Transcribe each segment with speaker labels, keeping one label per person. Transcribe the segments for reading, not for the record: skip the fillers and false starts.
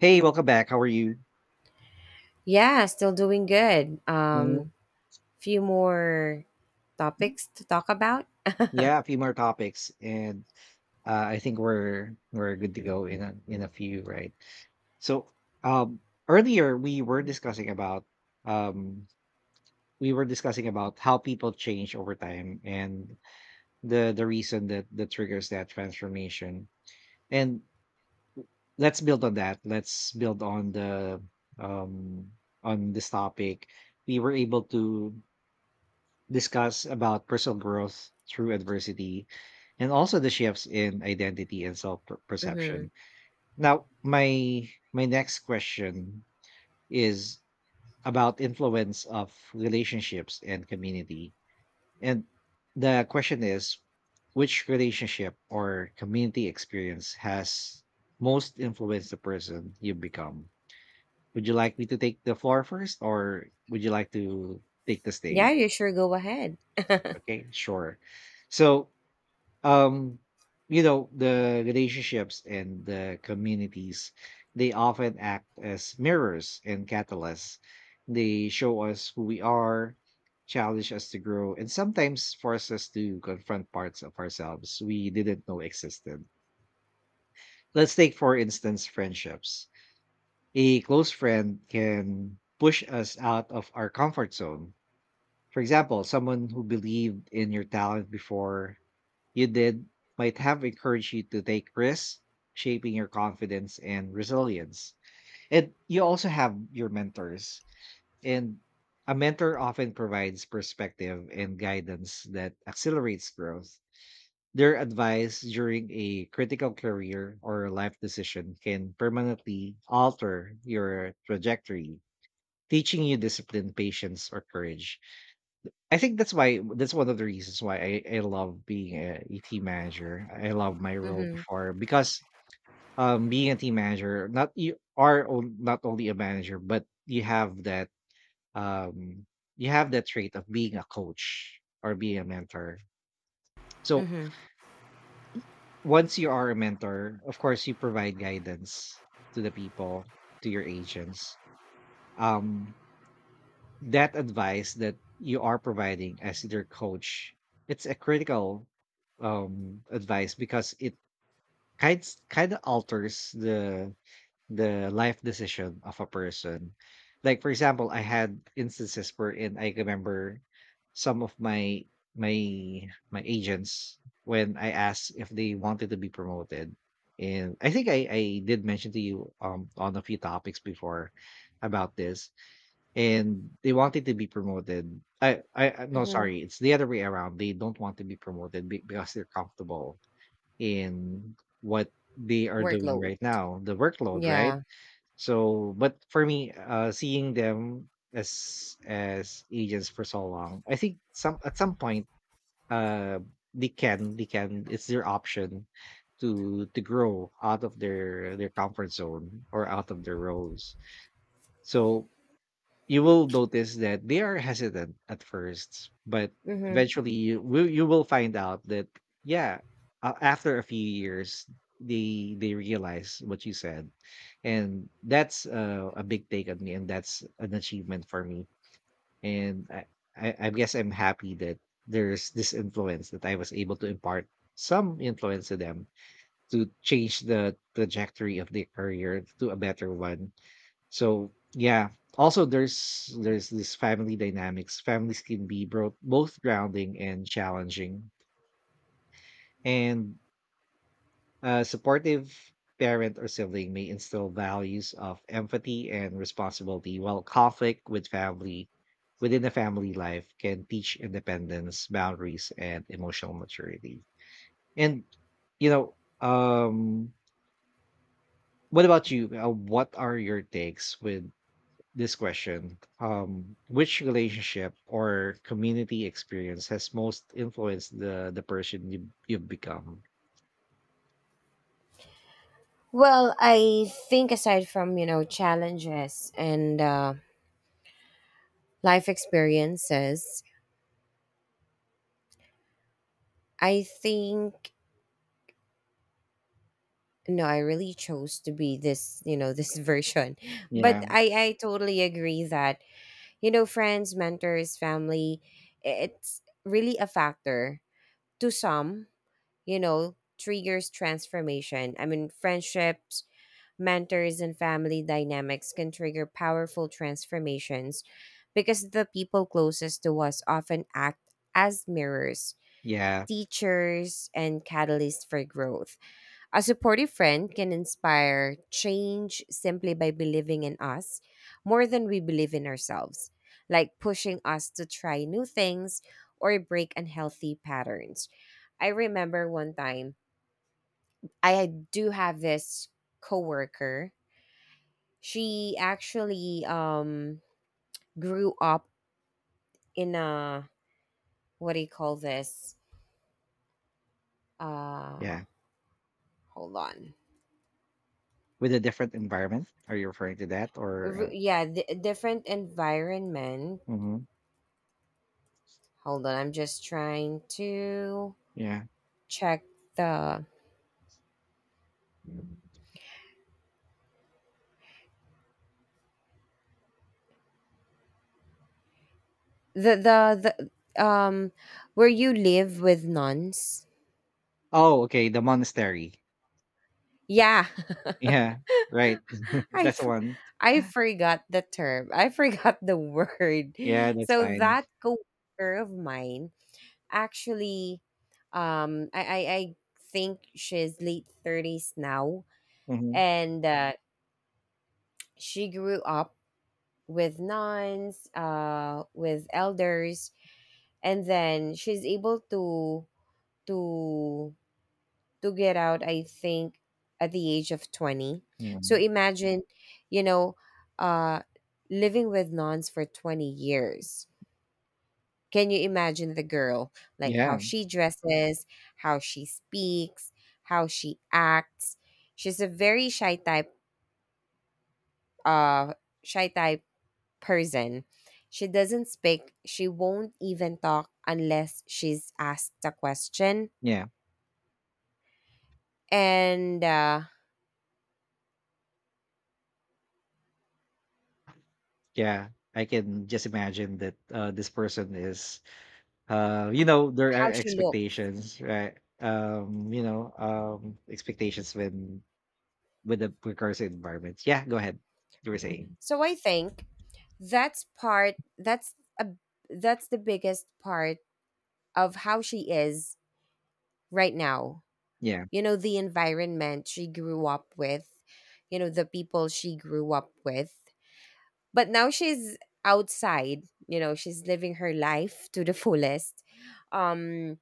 Speaker 1: Hey, welcome back. How are you?
Speaker 2: Yeah, still doing good.
Speaker 1: Mhm.
Speaker 2: Few more topics to talk about.
Speaker 1: Yeah, a few more topics, and I think we're good to go in a few, right? So, um, earlier um, we were discussing about how people change over time, and the reason that triggers that transformation. And let's build on that. Let's build on the um on this topic. We were able to discuss about personal growth through adversity, and also the shifts in identity and
Speaker 2: Mm-hmm.
Speaker 1: self-perception. Now, my next question is about influence of relationships and community. And the question is, which relationship or community experience has most influenced the person you become? Would you like me to take the floor first, or would you like to take the
Speaker 2: Yeah,
Speaker 1: stage?
Speaker 2: you sure, go ahead.
Speaker 1: Okay, sure. So um the relationships and the communities, they often act as mirrors and catalysts. They show us who we are, challenge us to grow, and sometimes force us to confront parts of ourselves we didn't know existed. Let's take, for instance, friendships. A close friend can push us out of our comfort zone. For example, someone who believed in your talent before you did might have encouraged you to take risks, shaping your confidence and resilience. And you also have your mentors. And a mentor often provides perspective and guidance that accelerates growth. Their advice during a critical career or life decision can permanently alter your trajectory, teaching you discipline, patience, or courage. I think that's one of the reasons why I love being a team manager. I love my role
Speaker 2: Mm-hmm.
Speaker 1: before because being a team manager, not only a manager, but you have um that trait of being a coach or being a mentor. So
Speaker 2: Mm-hmm.
Speaker 1: once you are a mentor, of course you provide guidance to the people, to your agents. Um that advice that you are providing as their coach, it's a critical advice, because it kind kind of alters the life decision of a person. Like, for example, I had instances where in I remember some of my agents, when I asked if they wanted to be promoted. And I think I did mention to you on a few topics before about this. And they wanted to be promoted. No,
Speaker 2: Mm-hmm.
Speaker 1: sorry, it's the other way around. They don't want to be promoted because they're comfortable in what they are doing
Speaker 2: Workload.
Speaker 1: right now, the workload, right?
Speaker 2: Yeah.
Speaker 1: So, but for me, seeing them as agents for so long, I think some at some point, uh, they can. It's their option to grow out of their comfort zone or out of their roles. So you will notice that they are hesitant at first, but
Speaker 2: Mm-hmm.
Speaker 1: eventually you will find out that, yeah, after a few years they realize what you said. And that's, a big take on me, and that's an achievement for me. And I guess I'm happy that there's this influence, that I was able to impart some influence to them, to change the trajectory of their career to a better one. So yeah. Also, there's this family dynamics. Families can be both grounding and challenging. And a supportive parent or sibling may instill values of empathy and responsibility, while conflict within the family life can teach independence, boundaries, and emotional maturity. And you know, um what about you? What are your takes with this question? Which relationship or community experience has most influenced the person you've become?
Speaker 2: Well, I think aside from, you know, challenges and life experiences, I think no, I really chose to be this, you know, this version. But
Speaker 1: Yeah,
Speaker 2: I totally agree that, you know, friends, mentors, family, it's really a factor to some, you know, triggers transformation. I mean, friendships, mentors, and family dynamics can trigger powerful transformations because the people closest to us often act as mirrors,
Speaker 1: yeah,
Speaker 2: teachers, and catalysts for growth. A supportive friend can inspire change simply by believing in us more than we believe in ourselves, like pushing us to try new things or break unhealthy patterns. I remember one time I do have this coworker. She actually grew up in a, what do you call this? Uh
Speaker 1: yeah.
Speaker 2: Hold on.
Speaker 1: With a different environment, are you referring to that, or?
Speaker 2: Yeah, different environment.
Speaker 1: Mhm.
Speaker 2: Hold on, I'm just trying to
Speaker 1: Yeah.
Speaker 2: check the the the, the where you live with nuns.
Speaker 1: Oh, okay. The monastery.
Speaker 2: Yeah.
Speaker 1: Yeah. Right.
Speaker 2: I
Speaker 1: That's the
Speaker 2: f-
Speaker 1: one.
Speaker 2: I forgot the term. I forgot the word.
Speaker 1: Yeah, that's
Speaker 2: So
Speaker 1: fine.
Speaker 2: that coworker of mine actually, I think she's late 30s now
Speaker 1: Hmm.
Speaker 2: and she grew up with nuns, uh, with elders, and then she's able to to to get out, I think, at the age of 20.
Speaker 1: Yeah.
Speaker 2: So imagine, you know, uh, living with nuns for 20 years. Can you imagine the girl, like how
Speaker 1: Yeah.
Speaker 2: she dresses, how she speaks, how she acts? She's a very shy type, uh shy type person. She doesn't speak, she won't even talk unless she's asked a question.
Speaker 1: Yeah.
Speaker 2: And
Speaker 1: Yeah. I can just imagine that, this person is, there
Speaker 2: how
Speaker 1: are
Speaker 2: she looks.
Speaker 1: expectations, right? Expectations when with the precarious environment. Yeah, go ahead. You were saying.
Speaker 2: So I think that's part, that's the biggest part of how she is right now.
Speaker 1: Yeah.
Speaker 2: You know, the environment she grew up with, you know, the people she grew up with. But now she's outside, you know, she's living her life to the fullest. Um,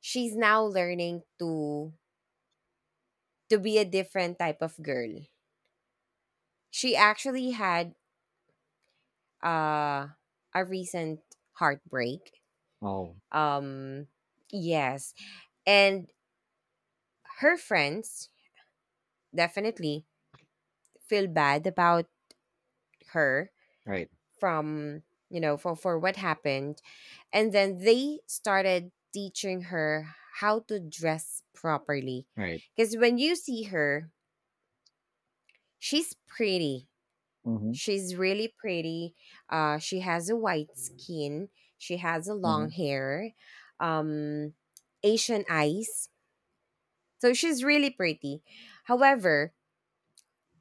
Speaker 2: she's now learning to be a different type of girl. She actually had, uh a recent heartbreak.
Speaker 1: Oh,
Speaker 2: Um, yes. And her friends definitely feel bad about her
Speaker 1: right,
Speaker 2: from, you know, for what happened, and then they started teaching her how to dress properly,
Speaker 1: right.
Speaker 2: because when you see her, she's pretty.
Speaker 1: Mm-hmm,
Speaker 2: She's really pretty. She has a white skin. She has a long
Speaker 1: mm-hmm.
Speaker 2: hair, um, Asian eyes. So she's really pretty. However,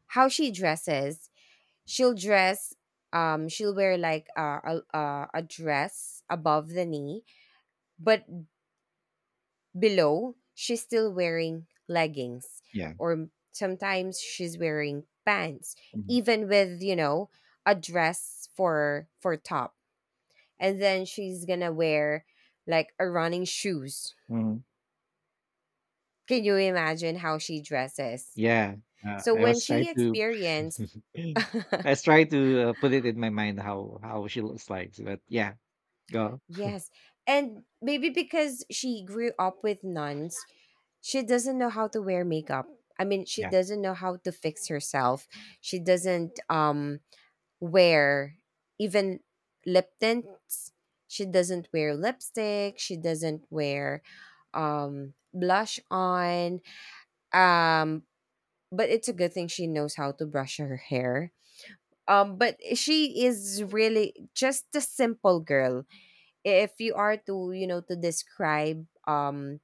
Speaker 2: how she dresses, she'll dress. She'll wear like a a dress above the knee, but below she's still wearing leggings,
Speaker 1: Yeah,
Speaker 2: or sometimes she's wearing pants,
Speaker 1: mm-hmm.
Speaker 2: even with, you know, a dress for top, and then she's gonna wear like a running shoes.
Speaker 1: Hmm.
Speaker 2: Can you imagine how she dresses?
Speaker 1: Yeah.
Speaker 2: So
Speaker 1: I
Speaker 2: when
Speaker 1: was trying
Speaker 2: she
Speaker 1: to
Speaker 2: experienced,
Speaker 1: I was trying to, put it in my mind how she looks like, but yeah. Go.
Speaker 2: yes, and maybe because she grew up with nuns, she doesn't know how to wear makeup. I mean, she
Speaker 1: Yeah,
Speaker 2: doesn't know how to fix herself. She doesn't wear even lip tints. She doesn't wear lipstick. She doesn't wear, um, blush on, um but it's a good thing she knows how to brush her hair. But she is really just a simple girl. If you are to, you know, to describe, um,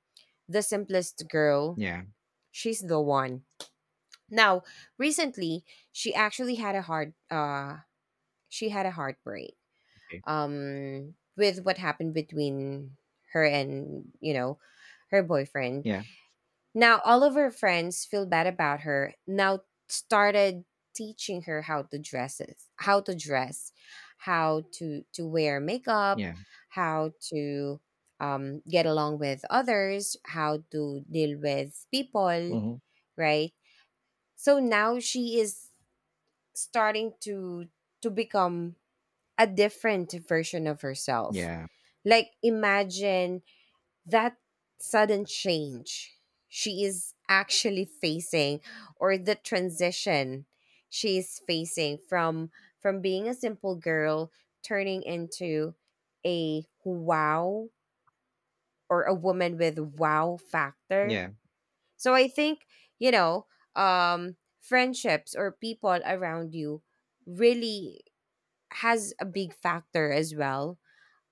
Speaker 2: the simplest girl,
Speaker 1: yeah.
Speaker 2: she's the one. Now, recently, she actually had a heart she had a heartbreak.
Speaker 1: Okay.
Speaker 2: Um, with what happened between her and, you know, her boyfriend.
Speaker 1: Yeah,
Speaker 2: Now, all of her friends feel bad about her. Now started teaching her how to dress, how to wear makeup,
Speaker 1: yeah.
Speaker 2: how to, get along with others, how to deal with people,
Speaker 1: Mm-hmm.
Speaker 2: right? So now she is starting to become a different version of herself.
Speaker 1: Yeah,
Speaker 2: Like imagine that sudden change she is actually facing, or the transition she is facing, from being a simple girl, turning into a wow, or a woman with wow factor.
Speaker 1: yeah.
Speaker 2: So I think, you know, um, friendships or people around you really has a big factor as well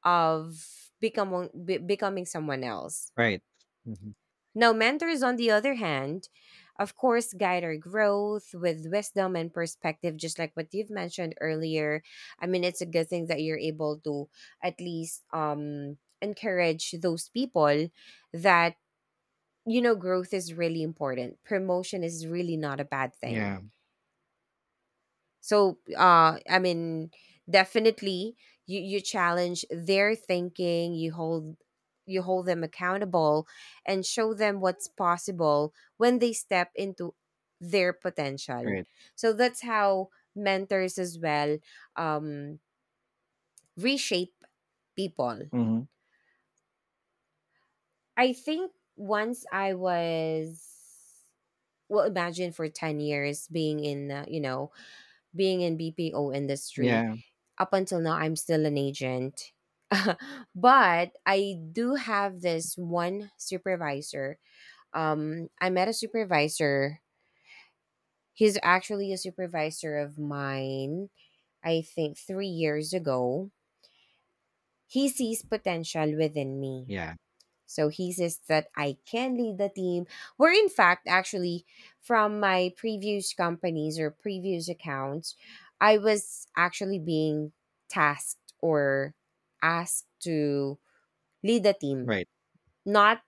Speaker 2: of becoming someone else.
Speaker 1: Right. Mm-hmm.
Speaker 2: Now, mentors, on the other hand, of course, guide our growth with wisdom and perspective, just like what you've mentioned earlier. I mean, it's a good thing that you're able to at least, encourage those people that, you know, growth is really important. Promotion is really not a bad thing.
Speaker 1: Yeah.
Speaker 2: So I mean, definitely, you challenge their thinking, you hold them accountable and show them what's possible when they step into their potential.
Speaker 1: Right.
Speaker 2: So that's how mentors as well, um, reshape people.
Speaker 1: Mm-hmm.
Speaker 2: I think once I was, well, imagine for 10 years being in, you know, being in BPO industry.
Speaker 1: Yeah,
Speaker 2: Up until now, I'm still an agent. But I do have this one supervisor. I met a supervisor. He's actually a supervisor of mine, I think 3 years ago. He sees potential within me.
Speaker 1: yeah.
Speaker 2: So he says that I can lead the team. Where in fact, actually, from my previous companies or previous accounts, I was actually being tasked or asked to lead the team.
Speaker 1: Right.
Speaker 2: Not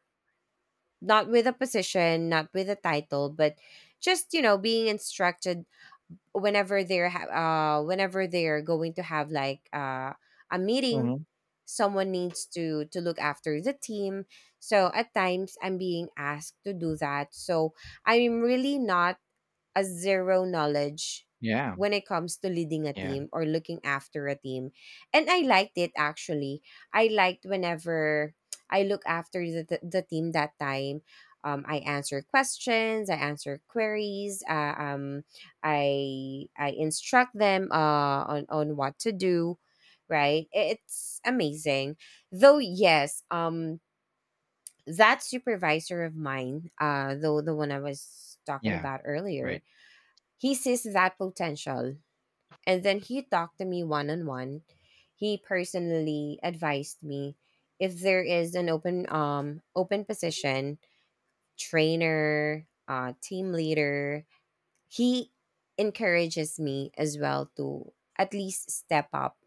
Speaker 2: not with a position, not with a title, but just, you know, being instructed whenever they're whenever they're going to have like, uh, a meeting,
Speaker 1: Mhm.
Speaker 2: someone needs to look after the team. So at times I'm being asked to do that, so I'm really not a zero knowledge
Speaker 1: Yeah,
Speaker 2: when it comes to leading a
Speaker 1: yeah,
Speaker 2: team or looking after a team. And I liked it actually. I liked whenever I look after the team that time. I answer questions, I answer queries, I instruct them, on what to do, right? It's amazing. Though yes, that supervisor of mine, though, the one I was talking
Speaker 1: yeah,
Speaker 2: about earlier,
Speaker 1: right,
Speaker 2: he sees that potential. And then he talked to me one on one. He personally advised me if there is an open open position, trainer, team leader, he encourages me as well to at least step up.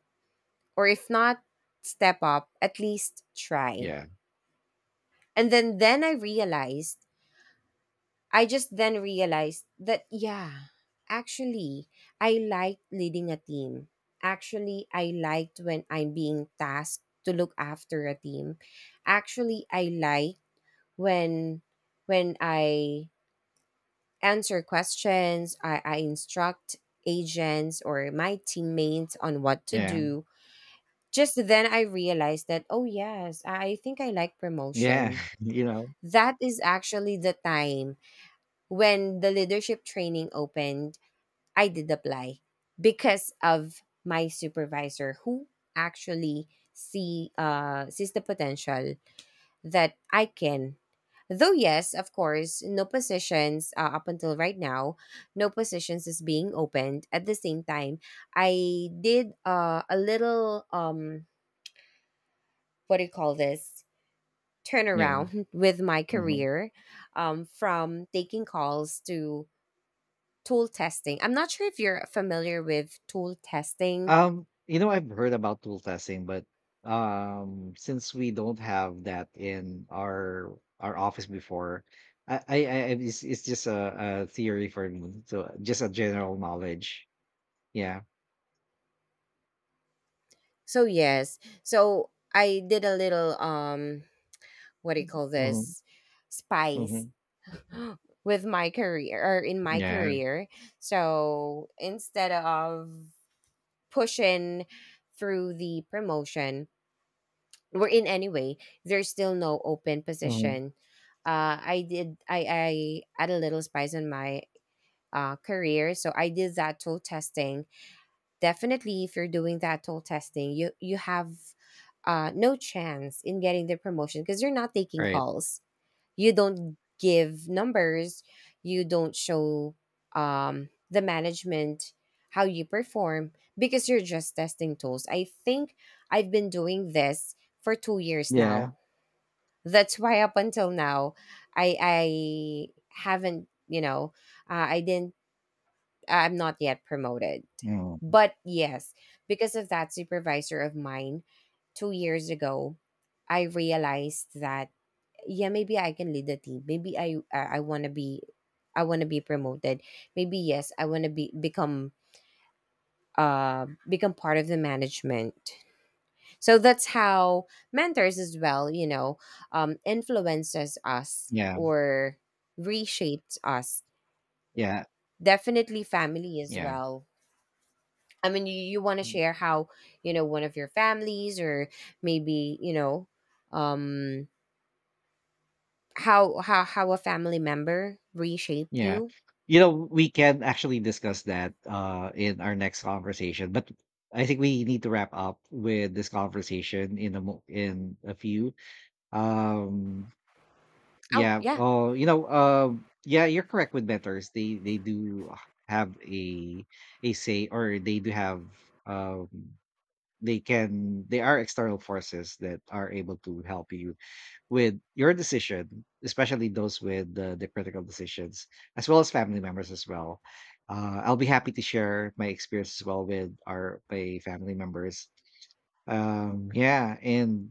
Speaker 2: Or if not step up, at least try.
Speaker 1: yeah,
Speaker 2: And then I realized, I just then realized that, yeah, actually, I liked leading a team. Actually, I liked when I'm being tasked to look after a team. Actually, I like when I answer questions, I instruct agents or my teammates on what to
Speaker 1: yeah,
Speaker 2: do. Just then I realized that, oh yes, I think I like
Speaker 1: yeah,
Speaker 2: promotion.
Speaker 1: you know,
Speaker 2: That is actually the time when the leadership training opened. I did apply because of my supervisor who actually sees the potential that I can. Though yes, of course, no positions, up until right now, no positions is being opened. At the same time, I did, a little, um, what do you call this,
Speaker 1: yeah,
Speaker 2: turnaround, with my
Speaker 1: mhm.
Speaker 2: career, from taking calls to tool testing. I'm not sure if you're familiar with tool testing.
Speaker 1: I've heard about tool testing, but, since we don't have that in our office before, I it's just a theory for me, so just a general knowledge. Yeah.
Speaker 2: So yes, so I did a little, um, what do you call
Speaker 1: Mhm,
Speaker 2: this, spice
Speaker 1: mhm.
Speaker 2: with my career, or in my
Speaker 1: Yeah.
Speaker 2: career. So instead of pushing through the promotion, we're in anyway, there's still no open
Speaker 1: Mhm.
Speaker 2: position. I did, I add a little spice in my, uh, career, so I did that tool testing. Definitely, if you're doing that toll testing, you have, no chance in getting the promotion because you're not taking
Speaker 1: Right.
Speaker 2: calls. You don't give numbers. You don't show, the management how you perform because you're just testing tools. I think I've been doing this for 2 years
Speaker 1: Yeah.
Speaker 2: now. That's why up until now, I haven't, you know, I didn't, I'm not yet promoted.
Speaker 1: Mm.
Speaker 2: But yes, because of that supervisor of mine 2 years ago, I realized that yeah, maybe I can lead the team. Maybe I want to be, I want to be promoted. Maybe yes, I want to be become, become part of the management. So that's how mentors as well, you know, um, influences us
Speaker 1: Yeah,
Speaker 2: or reshapes us.
Speaker 1: yeah,
Speaker 2: Definitely family as
Speaker 1: yeah.
Speaker 2: well. I mean, you want to share how, you know, one of your families, or maybe, you know, um, how how a family member reshaped
Speaker 1: Yeah.
Speaker 2: you?
Speaker 1: We can actually discuss that in our next conversation, but I think we need to wrap up with this conversation in in a few. Um
Speaker 2: Oh,
Speaker 1: yeah.
Speaker 2: yeah.
Speaker 1: Oh, yeah, you're correct with mentors. They do have a say, or they do have um they can they are external forces that are able to help you with your decision, especially those with the critical decisions, as well as family members as well. I'll be happy to share my experience as well with our my family members. Yeah, and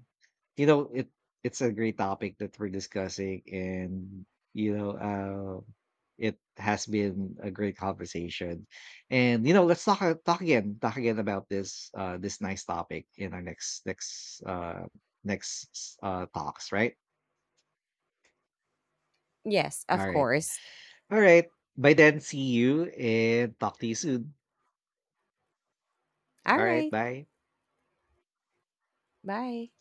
Speaker 1: you know it it's a great topic that we're discussing, and you know uh, it has been a great conversation. And let's talk again about this, this nice topic in our next talks, right?
Speaker 2: Yes,
Speaker 1: All
Speaker 2: of
Speaker 1: right.
Speaker 2: course.
Speaker 1: Alright. By then, see you and talk to you soon.
Speaker 2: All
Speaker 1: Alright,
Speaker 2: right.
Speaker 1: bye.
Speaker 2: Bye.